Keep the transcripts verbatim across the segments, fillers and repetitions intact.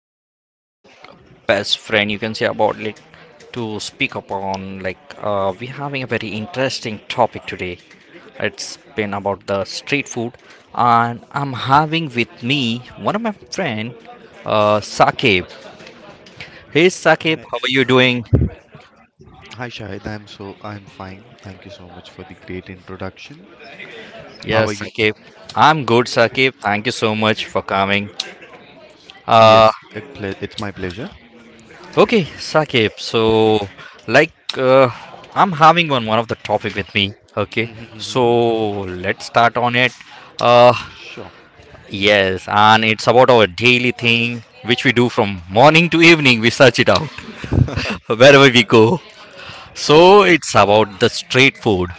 my best friend, you can say about like to speak upon. Like, uh, we're having a very interesting topic today. It's been about the street food, and I'm having with me one of my friend, uh, Sakib. Hey, Sakib, Hi, how are you doing? hi Shahid. I'm so I'm fine. Thank you so much for the great introduction. How are Yes, you? Sakib. I'm good, Sakib. Thank you so much for coming. Uh, Yes, it ple it's my pleasure. Okay, Sakib. So, like, uh, I'm having one one of the topic with me. Okay, so Mm-hmm. let's start on it. Uh, Sure. yes, and it's about our daily thing which we do from morning to evening. We search it out wherever we go. So it's about the street food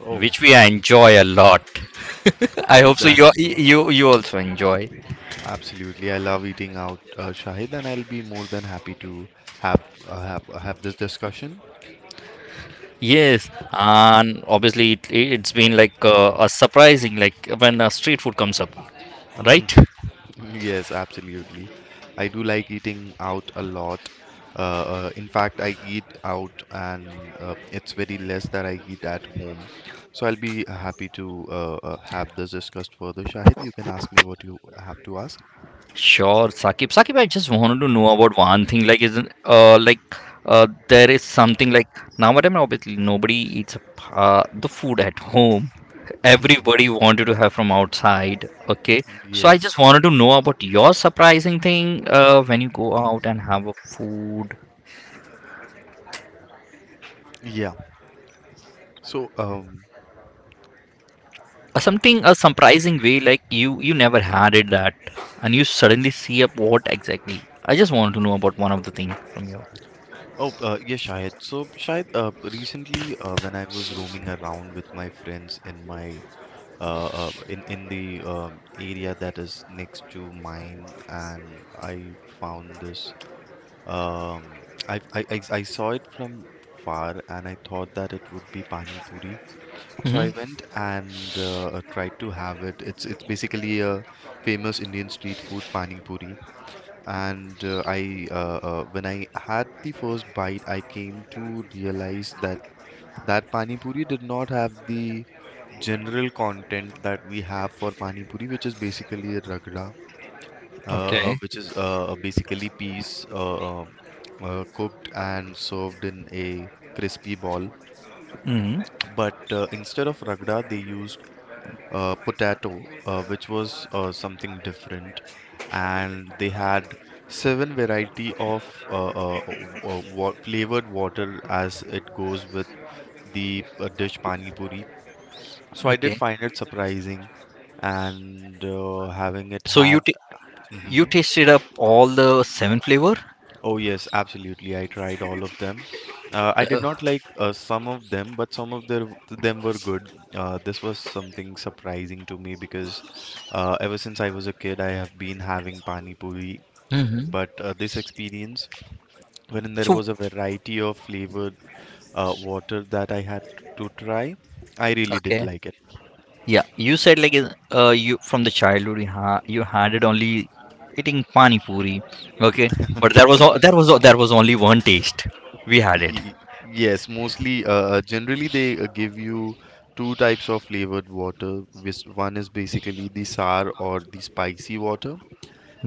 Oh, which we enjoy a lot. I hope so. You that's true. you you also enjoy. Absolutely. I love eating out, uh, Shahid, and I'll be more than happy to have uh, have have this discussion. Yes, and obviously it, it's been like uh, a surprising like when uh, street food comes up, right? Yes, absolutely. I do like eating out a lot. Uh, uh, in fact, I eat out, and uh, it's very less that I eat at home. So I'll be happy to uh, uh, have this discussed further. Shahid, you can ask me what you have to ask. Sure, Sakib. Sakib, I just wanted to know about one thing. Like, isn't uh like uh there is something like nowadays obviously nobody eats uh, the food at home. Everybody wanted to have from outside. Okay, so I just Yes. wanted to know about your surprising thing uh when you go out and have a food. Yeah. So, um, Uh, something a surprising way like you you never had it that, and you suddenly see up what exactly. I just want to know about one of the things from you. oh, uh, yeah, Shahid. So, Shahid, uh, recently, uh, when I was roaming around with my friends in my uh, uh, in in the um, area that is next to mine, and I found this. Um, I, I I I saw it from far, and I thought that it would be pani puri. So Hmm. I went and uh, tried to have it. It's it's basically a famous Indian street food, pani puri, and uh, I uh, uh, when I had the first bite, I came to realize that that pani puri did not have the general content that we have for pani puri, which is basically a ragda, uh, Okay. uh, which is uh, uh, basically peas, uh, um, uh, cooked and served in a crispy ball. Hmm. But uh, instead of ragda, they used uh, potato, uh, which was uh, something different, and they had seven variety of uh, uh, uh, wa- flavored water as it goes with the uh, dish pani puri. So I did Okay, find it surprising, and uh, having it so you had. t- you Mhm. tasted up all the seven flavor? Oh yes, absolutely, I tried all of them. uh, I did Ugh. not like uh, some of them, but some of their, them were good. Uh, this was something surprising to me because uh, ever since I was a kid, I have been having pani puri, Hmm. but uh, this experience, when there So was a variety of flavored uh, water that I had to try, I really did okay. like it. Yeah, you said like uh you from the childhood you, ha- you had it only eating pani puri. Okay, but that was all that was all, that was only one taste we had it. Ye- Yes, mostly, uh, uh, generally they uh, give you two types of flavored water, which one is basically the sour or the spicy water,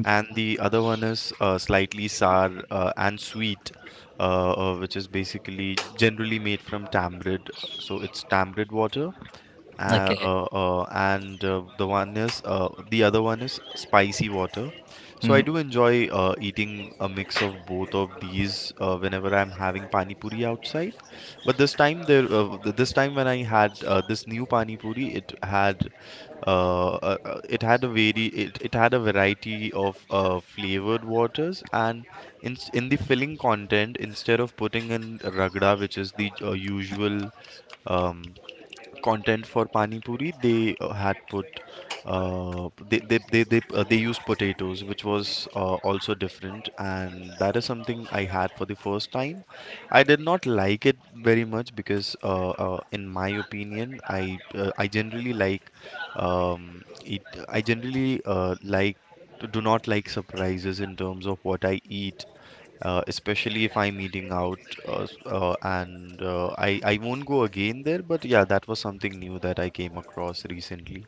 and the other one is uh, slightly sour uh, and sweet, uh, uh, which is basically generally made from tamarind. So it's tamarind water, uh, Okay. uh, uh, and uh, the one is uh, the other one is spicy water. So I do enjoy uh, eating a mix of both of these uh, whenever I'm having pani puri outside. But this time there, uh, th- this time when I had uh, this new pani puri, it had uh, uh, uh, it had a very it, it had a variety of uh, flavored waters, and in in the filling content, instead of putting in ragda, which is the uh, usual um content for pani puri, they uh, had put uh, they they they they, uh, they used potatoes, which was uh, also different, and that is something I had for the first time. I did not like it very much because, uh, uh, in my opinion, I uh, I generally like um, eat. I generally uh, like do not like surprises in terms of what I eat, uh, especially if I'm eating out, uh, s- uh, and uh, I I won't go again there, but yeah, that was something new that I came across recently.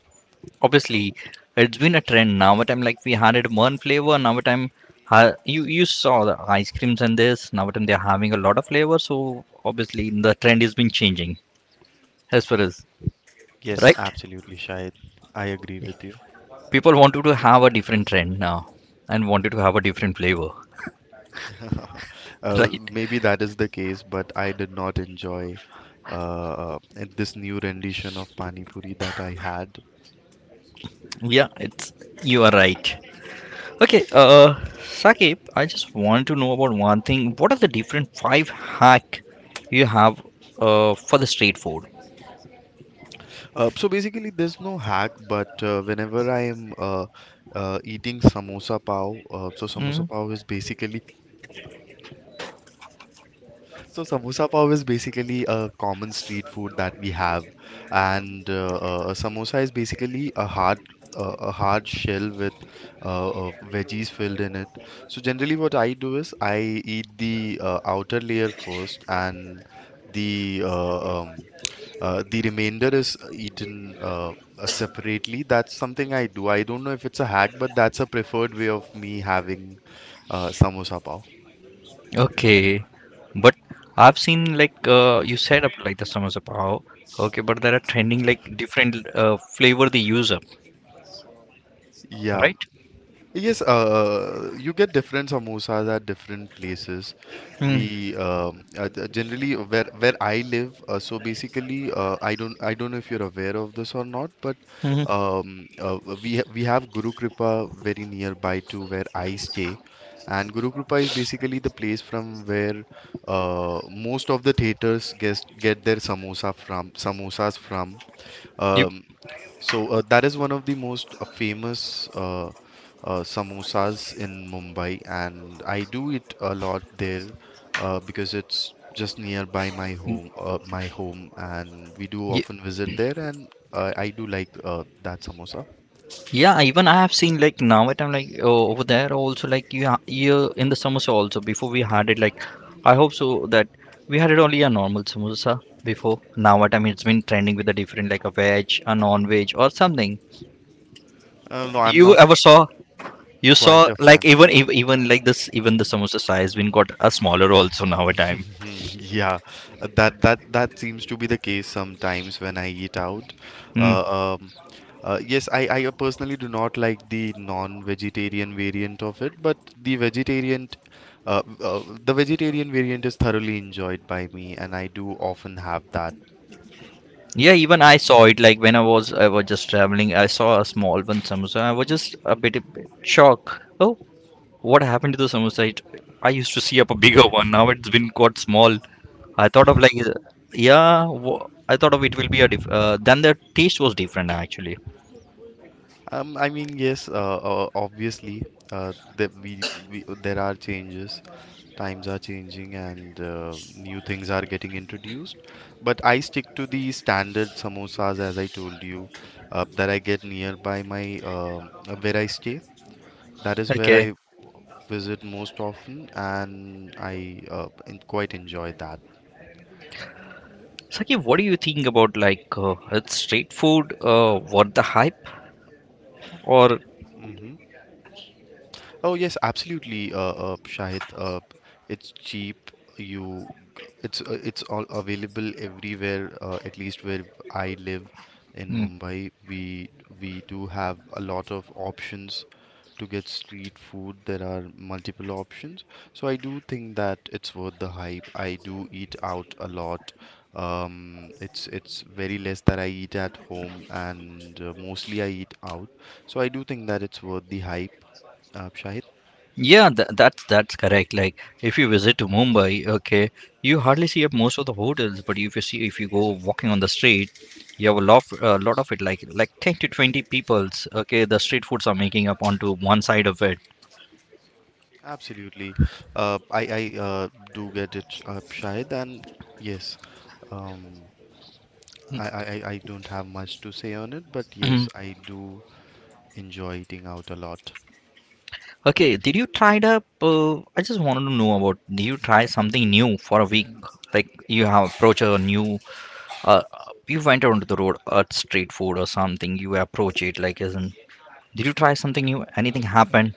Obviously, it's been a trend now. What I'm like, we had it one flavor. Now what time, ha- you you saw the ice creams and this. Now what time they're having a lot of flavor. So obviously the trend has been changing as far as, Yes, right. absolutely, Shahid. I agree with you. People wanted to have a different trend now and wanted to have a different flavor. uh, Right? Maybe that is the case, but I did not enjoy uh, uh, this new rendition of Pani Puri that I had. Yeah, it's you are right. Okay, uh, Sakib, I just want to know about one thing. What are the different five hack you have uh, for the street food? Uh, so basically, there's no hack, but uh, whenever I am uh, uh, eating samosa pav, uh, so Hmm? samosa pav is basically so samosa pav is basically a common street food that we have, and uh, uh, samosa is basically a hard uh, a hard shell with uh, uh, veggies filled in it. So generally, what I do is I eat the uh, outer layer first, and the uh, um, uh, the remainder is eaten uh, uh, separately. That's something I do. I don't know if it's a hack, but that's a preferred way of me having uh, samosa pav. Okay, but I've seen like uh, you said up like the samosa pav. Okay, but there are trending like different uh, flavor they use up, Yeah. right? Yes, uh, you get different samosas at different places. Mm-hmm. We um, uh, g- generally where where I live. Uh, so basically, uh, I don't I don't know if you're aware of this or not, but um, uh, we ha- we have Guru Kripa very nearby to where I stay, and Guru Kripa is basically the place from where uh, most of the theaters get get their samosa from samosas from. Yep. Um, so uh, that is one of the most uh, famous uh, uh, samosas in Mumbai, and I do it a lot there uh, because it's just nearby my home, uh, my home, and we do Ye- often visit there, and uh, I do like uh, that samosa. Yeah, even I have seen like now at I'm like oh, over there also like you ha- you in the samosa also before we had it like, I hope so that we had it only a normal samosa before. Now what I mean, it's been trending with a different like a veg, a non-veg or something. Uh, no, I'm You not ever saw? You saw quite a like fan. even ev- even like this, even the samosa size been got a smaller also now a time. Mm, yeah, uh, that that that seems to be the case sometimes when I eat out. Mm. Uh, um, uh, yes, I, I personally do not like the non-vegetarian variant of it, but the vegetarian, uh, uh, the vegetarian variant is thoroughly enjoyed by me, and I do often have that. Yeah, even I saw it like when I was I was just traveling, I saw a small one samosa. I was just a bit, bit shocked. Oh, what happened to the samosa? It, I used to see up a bigger one. Now it's been got small. I thought of like uh, yeah, wha- I thought of it will be a diff uh, then the taste was different actually. Um, I mean, yes, uh, uh, obviously, uh, that we, we there are changes, times are changing, and uh, new things are getting introduced. But I stick to the standard samosas, as I told you, uh, that I get nearby my uh, where I stay. That is where Okay. I visit most often, and I uh, en- quite enjoy that. Saki, what do you think about like uh, it's street food uh, worth the hype or? Hmm. Oh yes, absolutely, uh, uh, Shahid. Uh, it's cheap. You, it's uh, it's all available everywhere. Uh, at least where I live in Hmm. Mumbai, we we do have a lot of options to get street food. There are multiple options, so I do think that it's worth the hype. I do eat out a lot. Um, it's it's very less that I eat at home, and uh, mostly I eat out. So I do think that it's worth the hype, uh, Shahid. Yeah, tha that's that's correct. Like if you visit to Mumbai, okay, you hardly see up most of the hotels, but if you see, if you go walking on the street, you have a lot a lot of it. Like like ten to twenty peoples. Okay, the street foods are making up onto one side of it. Absolutely. Uh, I I uh, do get it, uh, Shahid, and yes, um, I, I I I don't have much to say on it, but yes, Mhm. I do enjoy eating out a lot. Okay, did you try it up? Uh, I just wanted to know about. Did you try something new for a week? Like you have approached a new. Uh, you went onto the road, a street food or something. You approach it like isn't. Did you try something new? Anything happened?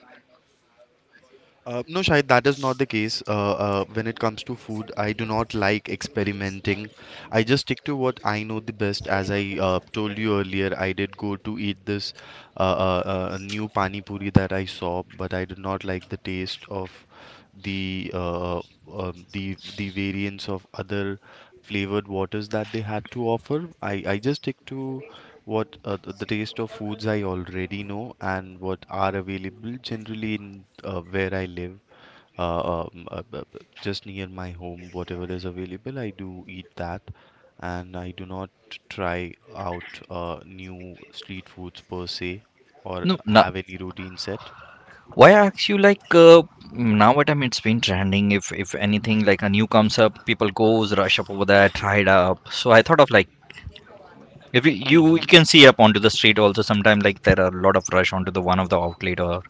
Uh, no, Shahid, that is not the case. Uh, uh, when it comes to food, I do not like experimenting. I just stick to what I know the best. As I uh, told you earlier, I did go to eat this uh, uh, uh, new pani puri that I saw, but I did not like the taste of the uh, uh, um the the variants of other flavored waters that they had to offer. I I just stick to what uh, th- the taste of foods I already know, and what are available generally in uh, where I live, uh, um, uh, b- b- just near my home. Whatever is available, I do eat that, and I do not try out uh, new street foods per se, or No, no, have any routine set. why ask you like uh, now what I mean, it's been trending, if if anything like a new comes up, people goes rush up over there try it up. So I thought of like if you, you you Hmm. can see up onto the street also sometimes, like there are a lot of rush onto the one of the outlet or.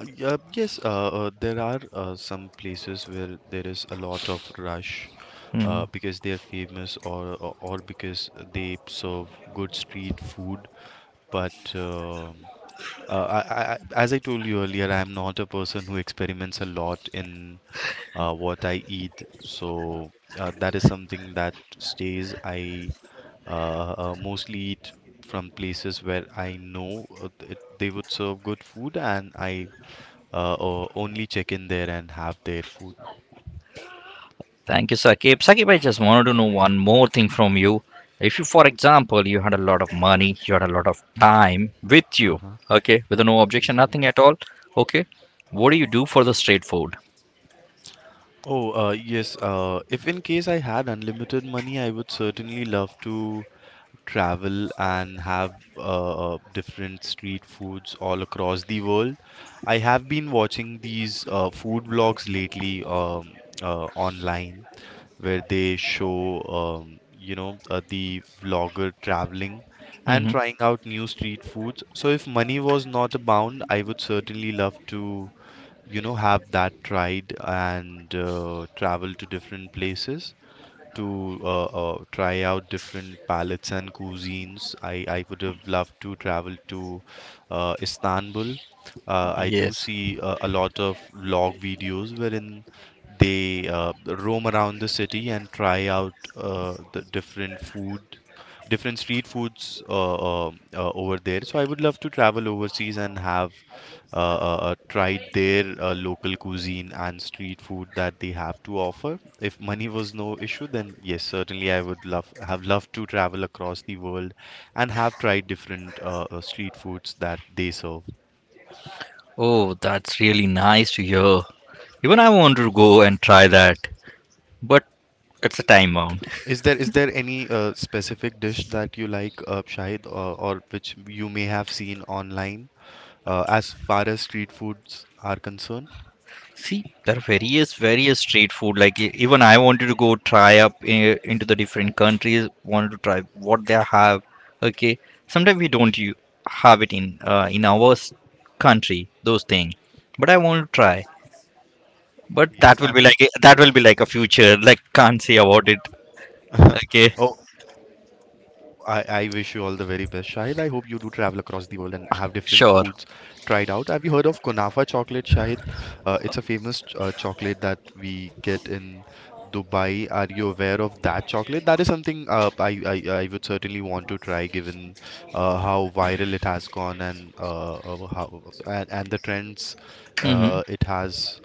Uh, yeah, yes, uh, uh, there are uh, some places where there is a lot of rush Hmm. uh, because they are famous, or, or or because they serve good street food. But um, uh, I, I, I- as I told you earlier, I am not a person who experiments a lot in uh, what I eat. So uh, that is something that stays. I uh, uh, mostly eat from places where I know uh, th- they would serve good food, and I uh, o- only check in there and have their food. Thank you, Sakib. Sakib, I just wanted to know one more thing from you. If you, for example, you had a lot of money, you had a lot of time with you, Uh-huh. okay, with no objection, nothing at all, okay, what do you do for the street food? Oh, uh, yes. Uh, if in case I had unlimited money, I would certainly love to travel and have uh, different street foods all across the world. I have been watching these uh, food vlogs lately, um, uh, online, where they show, um, you know, uh, the vlogger traveling and Hmm. trying out new street foods. So if money was not a bound, I would certainly love to, you know, have that tried, and uh, travel to different places to uh, uh, try out different palettes and cuisines. I, I would have loved to travel to uh, Istanbul. Uh, I do Yes. see uh, a lot of vlog videos wherein they uh, roam around the city and try out uh, the different food, different street foods uh, um uh, over there. So I would love to travel overseas and have uh, uh, uh, tried their uh, local cuisine and street food that they have to offer. If money was no issue, then yes, certainly I would love have loved to travel across the world and have tried different uh, uh, street foods that they serve. Oh, that's really nice to hear. Even I want to go and try that, but it's a time bound. Is there is there any uh, specific dish that you like, uh, Shahid, or, or which you may have seen online uh, as far as street foods are concerned? See, there are various, various street food. Like e- even I wanted to go try up i- into the different countries. Wanted to try what they have. Okay, sometimes we don't u- have it in uh, in our s- country those things, but I want to try. But Yes, that will have be you like a- that will be like a future. Like can't say about it. Okay, Oh, I, I wish you all the very best. Shahid, I hope you do travel across the world and have different foods sure. tried out. Have you heard of Kunafa chocolate, Shahid? Uh, it's a famous ch- uh, chocolate that we get in Dubai. Are you aware of that chocolate? That is something uh, I, I, I would certainly want to try given uh, how viral it has gone and uh, uh, how and, and the trends Mm-hmm. uh, it has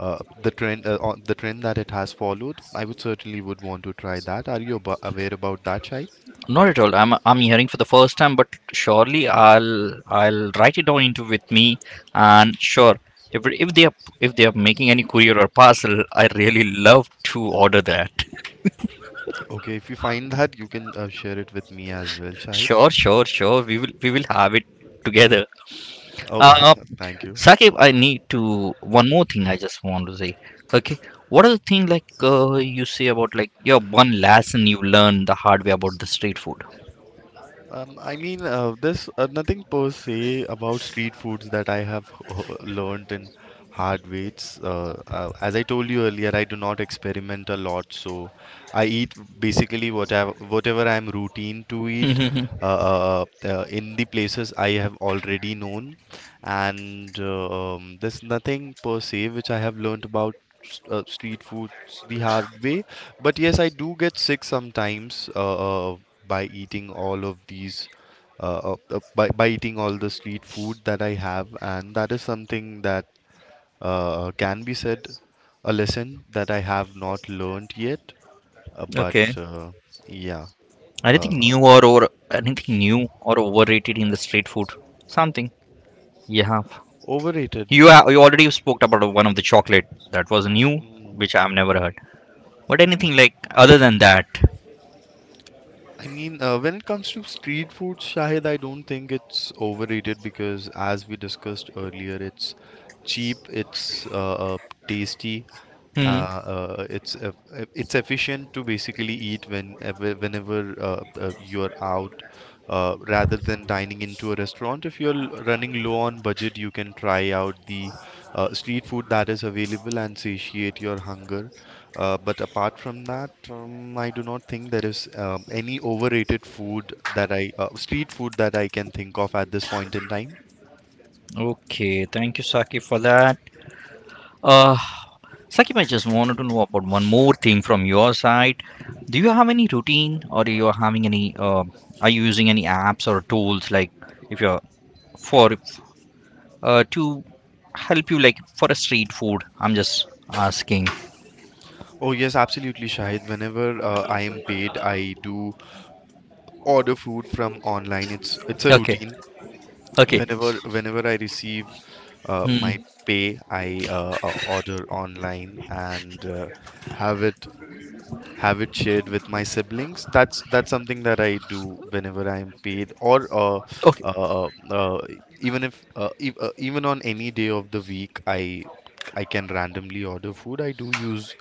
uh, the trend uh, on the trend that it has followed. I would certainly would want to try that. Are you abo- aware about that, Shahid? Not at all. I'm I'm hearing for the first time, but surely I'll I'll write it down into with me, and sure, if if they are, if they are making any courier or parcel, I really love to order that. Okay, if you find that, you can uh, share it with me as well, Sure, Shahid. sure, sure. We will we will have it together. Oh Uh, thank you. Sakib, I need to one more thing. I just want to say. Okay, what are the thing like uh, you say about like your one lesson you learned the hard way about the street food? Um, I mean, uh, this uh, nothing per se about street foods that I have h- learned in hard ways. Uh, uh, as I told you earlier, I do not experiment a lot, so I eat basically whatever whatever I'm routine to eat uh, uh, uh, uh, in the places I have already known, and uh, um, there's nothing per se which I have learned about. S- Uh, street foods the hard way, but yes, I do get sick sometimes. Uh, uh, by eating all of these uh, uh, uh, by, by eating all the street food that I have, and that is something that uh, can be said a lesson that I have not learned yet. Uh, but Okay. Uh, yeah. uh, Anything new, or, or anything new or overrated in the street food? Something. Yeah. Overrated. You ha- you already spoke about one of the chocolate that was new, Mm. which I've never heard. But anything like other than that. I mean, uh, when it comes to street food, Shahid, I don't think it's overrated because, as we discussed earlier, it's cheap, it's uh, uh, tasty, Hmm. uh, uh, it's uh, uh, it's efficient to basically eat when uh, whe- whenever uh, uh, you're out, uh, rather than dining into a restaurant. If you're l- running low on budget, you can try out the uh, street food that is available and satiate your hunger. Uh, but apart from that, um, I do not think there is um, any overrated food that I uh, street food that I can think of at this point in time. Okay. Thank you, Saki, for that. Uh, Sakib, I just wanted to know about one more thing from your side. Do you have any routine, or do you having any? Uh, are you using any apps or tools like if you're for uh, to help you like for a street food? I'm just asking. Oh yes, absolutely, Shahid. Whenever uh, I am paid, I do order food from online. It's it's a Okay. routine. Okay. Whenever whenever I receive uh, my Hmm. pay, I uh, uh, order online and uh, have it have it shared with my siblings. That's that's something that I do whenever I'm paid, or uh, Okay, uh, uh, uh, even if uh, e- uh, even on any day of the week, I I can randomly order food. I do use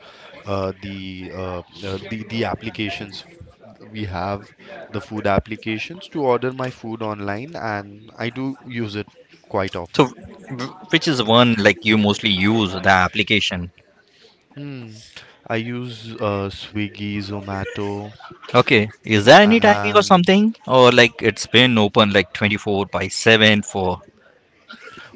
uh, the uh, uh, the the applications f- we have, the food applications to order my food online, and I do use it quite so often. w- which is one like you mostly use the application? Hmm. I use uh, Swiggy, Zomato, Okay, is there any timing or and something, or like it's been open like twenty-four by seven for.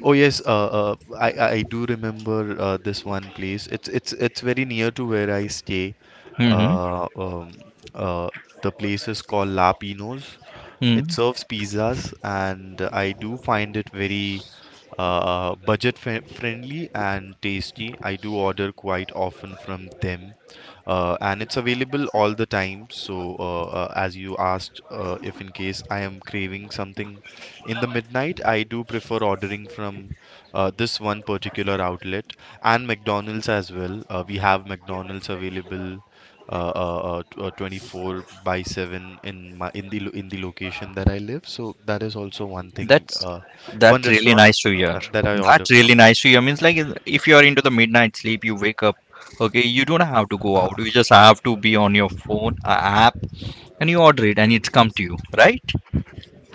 oh yes, uh, uh, I I do remember uh, this one place. It's it's it's very near to where I stay. Mm-hmm. Uh, um, uh, the place is called La Pino's. It Hmm. serves pizzas, and I do find it very uh, budget fri friendly and tasty. I do order quite often from them, uh, and it's available all the time. So, uh, uh, as you asked, uh, if in case I am craving something in the midnight, I do prefer ordering from uh, this one particular outlet and McDonald's as well. Uh, we have McDonald's available uh, uh, uh, t- uh, twenty-four by seven in my in the lo- in the location that I live. So that is also one thing, that's uh, one that's really restaurant nice to uh, hear. that I order That's really from. nice to hear, means like is- if you are into the midnight sleep, you wake up, okay, you don't have to go out, you just have to be on your phone a app, and you order it and it's come to you, right?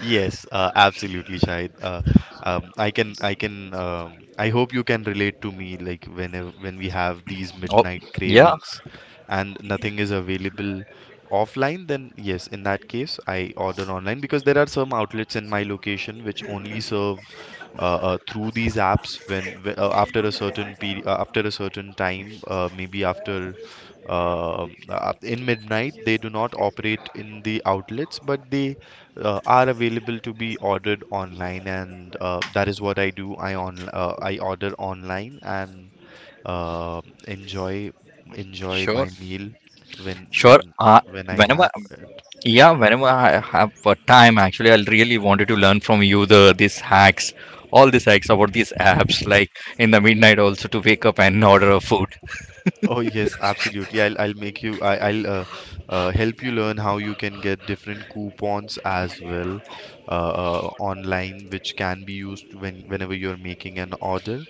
Yes, uh, absolutely, Shahid. Uh, um, I can, I can, um, I hope you can relate to me. Like whenever when we have these Oh, midnight yeah. cravings, and nothing is available offline, then yes, in that case, I order online because there are some outlets in my location which only serve uh, uh, through these apps when wh- uh, after a certain period uh, after a certain time, uh, maybe after uh, uh, in midnight, they do not operate in the outlets, but they uh, are available to be ordered online, and uh, that is what I do. I on uh, I order online and uh, enjoy enjoy Sure, my meal when sure. when Uh, when I whenever, have it. yeah, whenever i have uh, time actually, I really wanted to learn from you the these hacks, all these hacks about these apps like in the midnight also to wake up and order a food. Oh yes, absolutely. I'll I'll make you I, I'll uh, uh, help you learn how you can get different coupons as well uh, uh, online, which can be used when whenever you're making an order.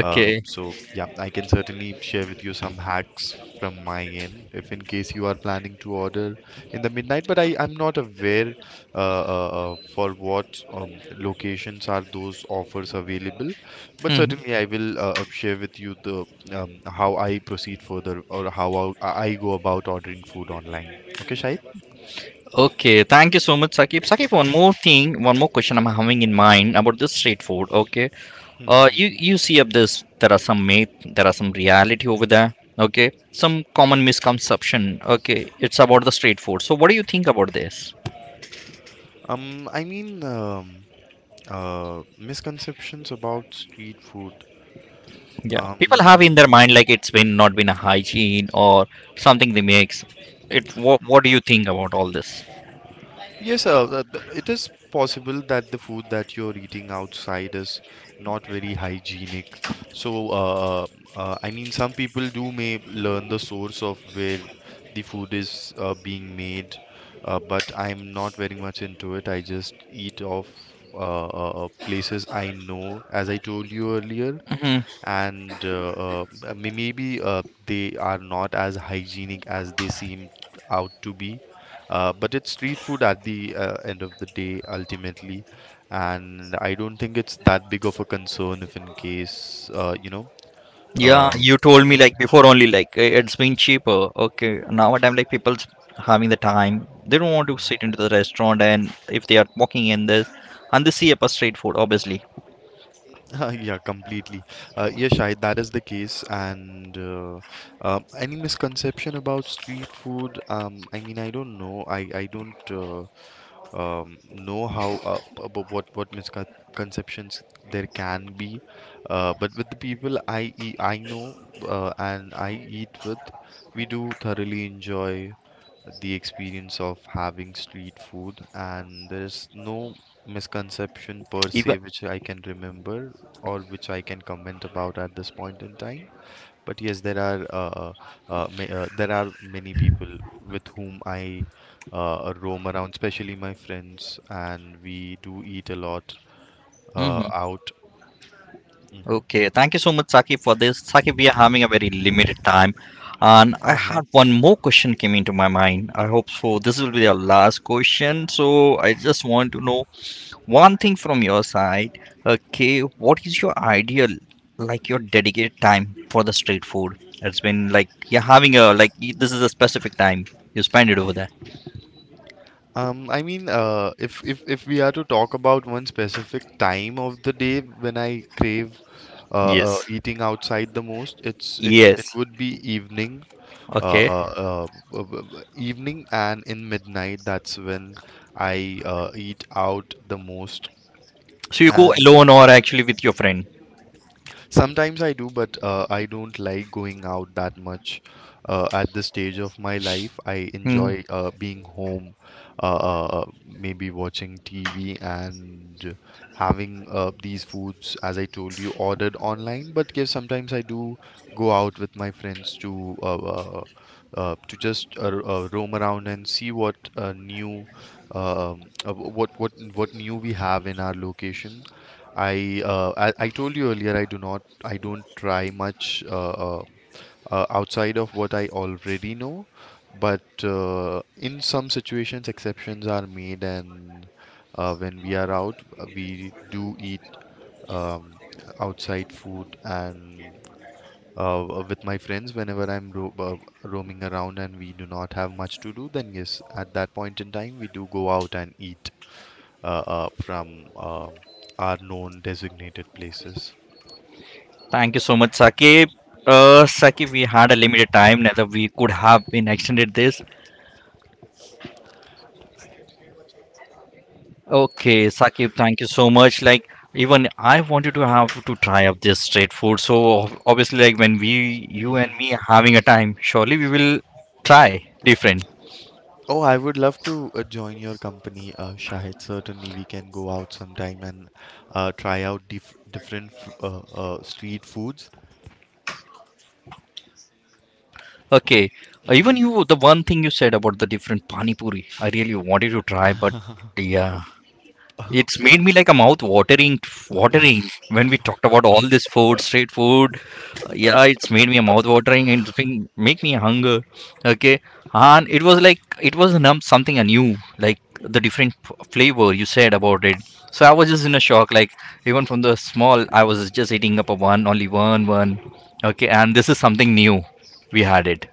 Uh, so yeah, I can certainly share with you some hacks from my end if in case you are planning to order in the midnight. But I, I'm not aware uh, uh, uh, for what um, locations are those offers available. But certainly I will uh, uh, share with you the um, how I proceed further or how I, I go about ordering food online. Okay, Shahid? Okay, thank you so much, Sakib. Sakib, one more thing, one more question I'm having in mind about this street food. Okay, uh, Mm-hmm. you you see up this. There are some myth, there are some reality over there. Okay, some common misconception. Okay, it's about the street food. So, what do you think about this? Um, I mean, um, uh, misconceptions about street food. Yeah, people have in their mind Um, like it's been not been a hygiene or something they makes. It. What What do you think about all this? Yes, uh, the- the- it is possible that the food that you're eating outside is not very hygienic. So, uh, uh, uh, I mean, some people do may learn the source of where the food is uh, being made, uh, but I'm not very much into it. I just eat off uh, uh, uh, places I know, as I told you earlier, and uh, uh, uh, may- maybe uh, they are not as hygienic as they seem out to be. Uh, but it's street food at the uh, end of the day, ultimately, and I don't think it's that big of a concern if, in case, uh, you know, Yeah, you um, told me if like before only like eh, it's been cheaper. Okay, now what I'm like people's having the time. They don't want to Mhm. sit into the restaurant, and if they are walking in this, and they see up a street food, obviously. Yeah, completely. Uh, yeah, Shahid, that is the case, and uh, um, any misconception about street food? Um, I mean, I don't know. I I don't. Uh, um, know how uh, about what what misconceptions there can be, uh, but with the people I e- I know uh, and I eat with, we do thoroughly enjoy the experience of having street food, and there is no misconception per Even. se which I can remember or which I can comment about at this point in time. But yes, there are uh, uh, uh, ma uh, there are many people with whom I uh, roam around, especially my friends, and we do eat a lot uh, Hmm. out. Hmm. Okay, thank you so much, Saki, for this. Saki, we are having a very limited time, and I Uh-huh. had one more question came into my mind. I hope so. This will be our last question. So I just want to know one thing from your side, okay, what is your ideal, like your dedicated time for the street food? It's been like you're having a like y- this is a specific time you spend it over there. Um, I mean, uh, if if if we are to talk about one specific time of the day when I crave uh, uh, Yes. eating outside the most, it's it sh- it Yes. would be evening, uh, Okay. uh, uh, b- b- b- evening and in midnight. That's when I uh, eat out the most. So you go And alone or actually with your friend? sometimes I do, but uh, I don't like going out that much uh, at this stage of my life. I Hmm. enjoy uh, being home, uh, uh, maybe watching T V and having uh, these foods, as I told you, ordered online. But yes, sometimes I do go out with my friends to uh, uh, uh, to just uh, uh, roam around and see what uh, new um, uh, what what what new we have in our location. I, uh, I I told you earlier I do not I don't try much uh, uh, uh, outside of what I already know, but uh, in some situations exceptions are made, and uh, when we are out, uh, we do eat um, outside food, and uh, uh, with my friends whenever I'm ro uh, roaming around and we do not have much to do, then yes, at that point in time, we do go out and eat uh, uh, from uh, our known designated places. Thank you so much, Saqib. Uh, Saqib, we had a limited time, neither we could have been extended this. Okay, Sakib, thank you so much. Like, even I wanted to have to try out this street food. So ob- obviously, like when we, you and me, Mm-hmm. having a time, surely we will try different. Oh, I would love to uh, join your company, uh, Shahid. Certainly, we can go out sometime and uh, try out dif different fr uh, uh, street foods. Okay, uh, even Mm-hmm. you, the one thing you said about the different pani puri, I really wanted to try, but yeah, it's If made me like a mouth watering, watering when we talked about all this food, street food. uh, Yeah, it's made me a mouth watering and it's been make me hunger. Okay, and it was like it was num- something new, like the different f- flavor you said about it. So I was just in a shock. Like even from the small, I was just eating up a one, only one, one. Okay, and this is something new. We had it.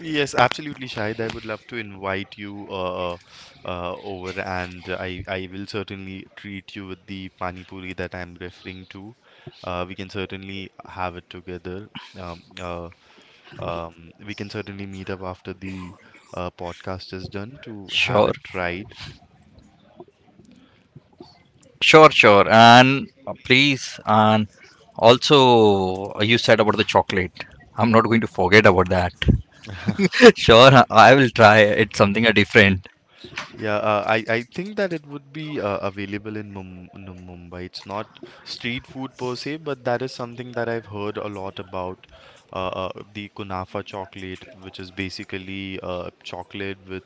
yes, absolutely, Shahid. I would love to invite you uh, uh, uh, over, and I I will certainly treat you with the pani puri that I'm referring to. Uh, we can certainly have it together. Um, uh, Um, we can certainly meet up after the uh, podcast is done to have Sure. it tried. Sure, sure. And uh, please, and also uh, you said about the chocolate. I'm not going to forget about that. Sure, I I will try. It's something uh, different. Yeah, uh, I I think that it would be uh, available in Mum no, Mumbai. It's not street food per se, but that is something that I've heard a lot about. Uh, uh, the kunafa chocolate, which is basically uh, chocolate with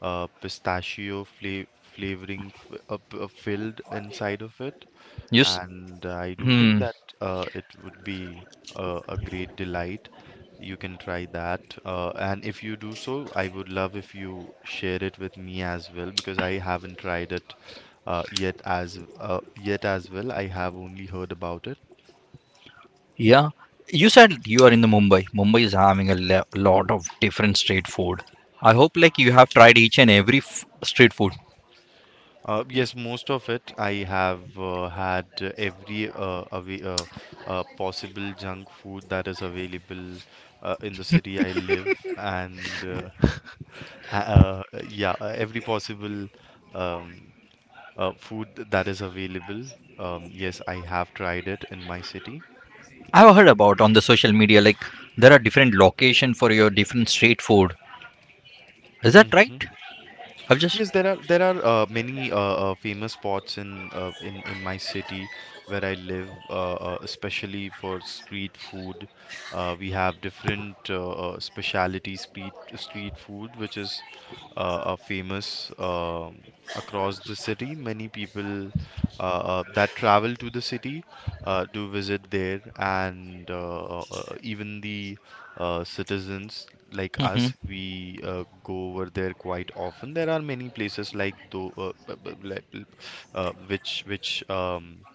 uh, pistachio fla flavoring f uh, p- uh, filled inside of it. You, s- And I do think hmm, that uh, it would be uh, a great delight. You can try that. Uh, and if you do so, I would love if you share it with me as well because I haven't tried it uh, yet as uh, yet as well. I have only heard about it. yeah. You said you are in the Mumbai. Mumbai is having a le- lot of different street food. I hope like you have tried each and every f- street food. Uh, yes, most of it I have uh, had uh, every uh, away, uh, uh, possible junk food that is available uh, in the city I live, and uh, uh, yeah, uh, every possible um, uh, food that is available. Um, yes, I have tried it in my city. I've heard about on the social media like there are different location for your different street food. Is that right? Mhm. I've just Yes, there are there are uh, many uh, uh, famous spots in uh, in in my city where I live, uh, uh, especially for street food. Uh, we have different uh, uh, specialty street street food, which is uh, uh, famous um across the city. Many people uh, uh, that travel to the city uh, do visit there, and uh, uh, uh, even the uh, citizens like us, we uh, go over there quite often. There are many places like though uh, b- b- like, uh, which which um,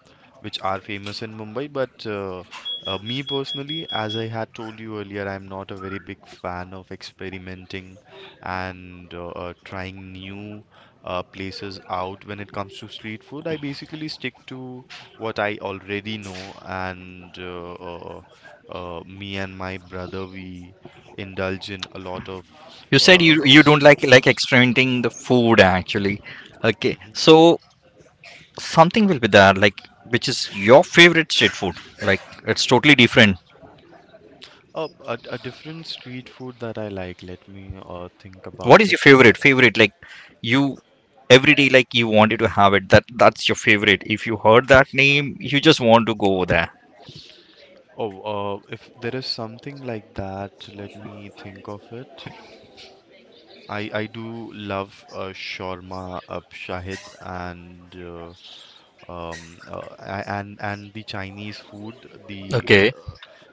which are famous in Mumbai, but uh, uh, me personally, as I had told you earlier, I'm not a very big fan of experimenting and uh, uh, trying new uh, places out. When it comes to street food, I basically stick to what I already know, and uh, uh, uh, me and my brother, we indulge in a lot of you said you uh, you don't street like like foods. experimenting the food actually. Okay, Hmm. so something will be there like which is your favorite street food. Like it's totally different. Oh, a, a different street food that I like. Let me uh, think What about is it. your favorite favorite? Like you every day like you wanted to have it. That that's your favorite. If you heard that name, you just want to go there. Oh, uh, if there is something like that, let me think of it. I I do love uh, shawarma, uh, Shahid, and uh, um uh, a- and and the Chinese food, the Okay. uh,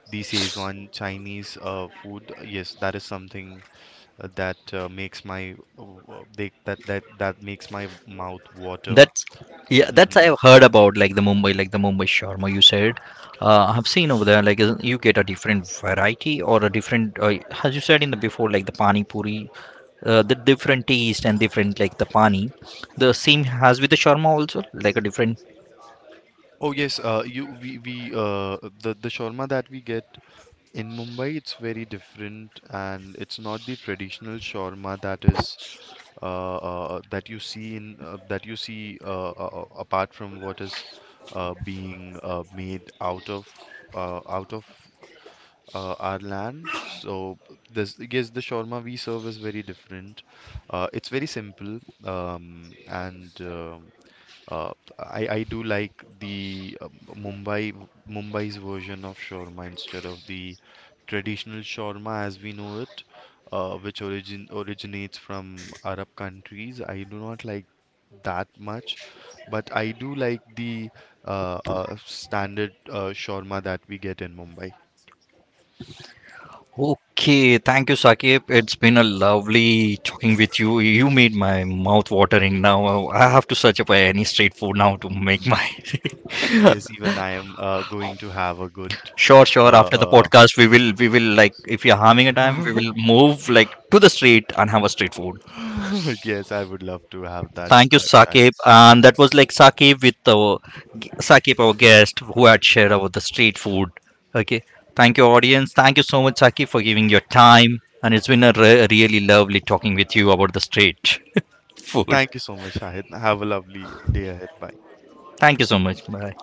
the Szechuan Chinese uh, food. Yes, that is something uh, that uh, makes my w- they, that that that makes my mouth water. That's, yeah, that's Hmm. I've heard about like the Mumbai, like the Mumbai shawarma you said. Uh, I've seen over there like is- you get a different variety or a different, uh, as you said in the before, like the pani puri, uh, the different taste and different like the pani. The same has with the shawarma also, like a different. Oh yes, uh, you we we uh the the shawarma that we get in Mumbai, it's very different, and it's not the traditional shawarma that is uh, uh, that you see in uh, that you see uh, uh, uh, apart from what is uh, being uh, made out of uh, out of uh, our land. So this, yes, the shawarma we serve is very different. Uh, it's very simple, um, and uh, uh, I I do like the uh, Mumbai Mumbai's version of shawarma instead of the traditional shawarma as we know it, uh, which origin originates from Arab countries. I do not like that much, but I do like the uh, uh, standard uh, shawarma that we get in Mumbai. Okay, thank you, Sakib. It's been a lovely talking with you. You made my mouth watering now. I have to search up any street food now to make my. Yes, even I am uh, going to have a good. Sure, sure. Uh, After the uh, podcast, we will, we will like, if you're having a time, we will move like to the street and have a street food. yes, I would love to have that, Thank you, uh, Shahid. Saqib. And that was like Saqib with our Saqib, our guest, who had shared about the street food. Okay. Thank you, audience. Thank you so much, Saqib, for giving your time. And it's been a re- really lovely talking with you about the street food. Thank you so much, Shahid. Have a lovely day ahead. Bye. Thank you so much. Bye.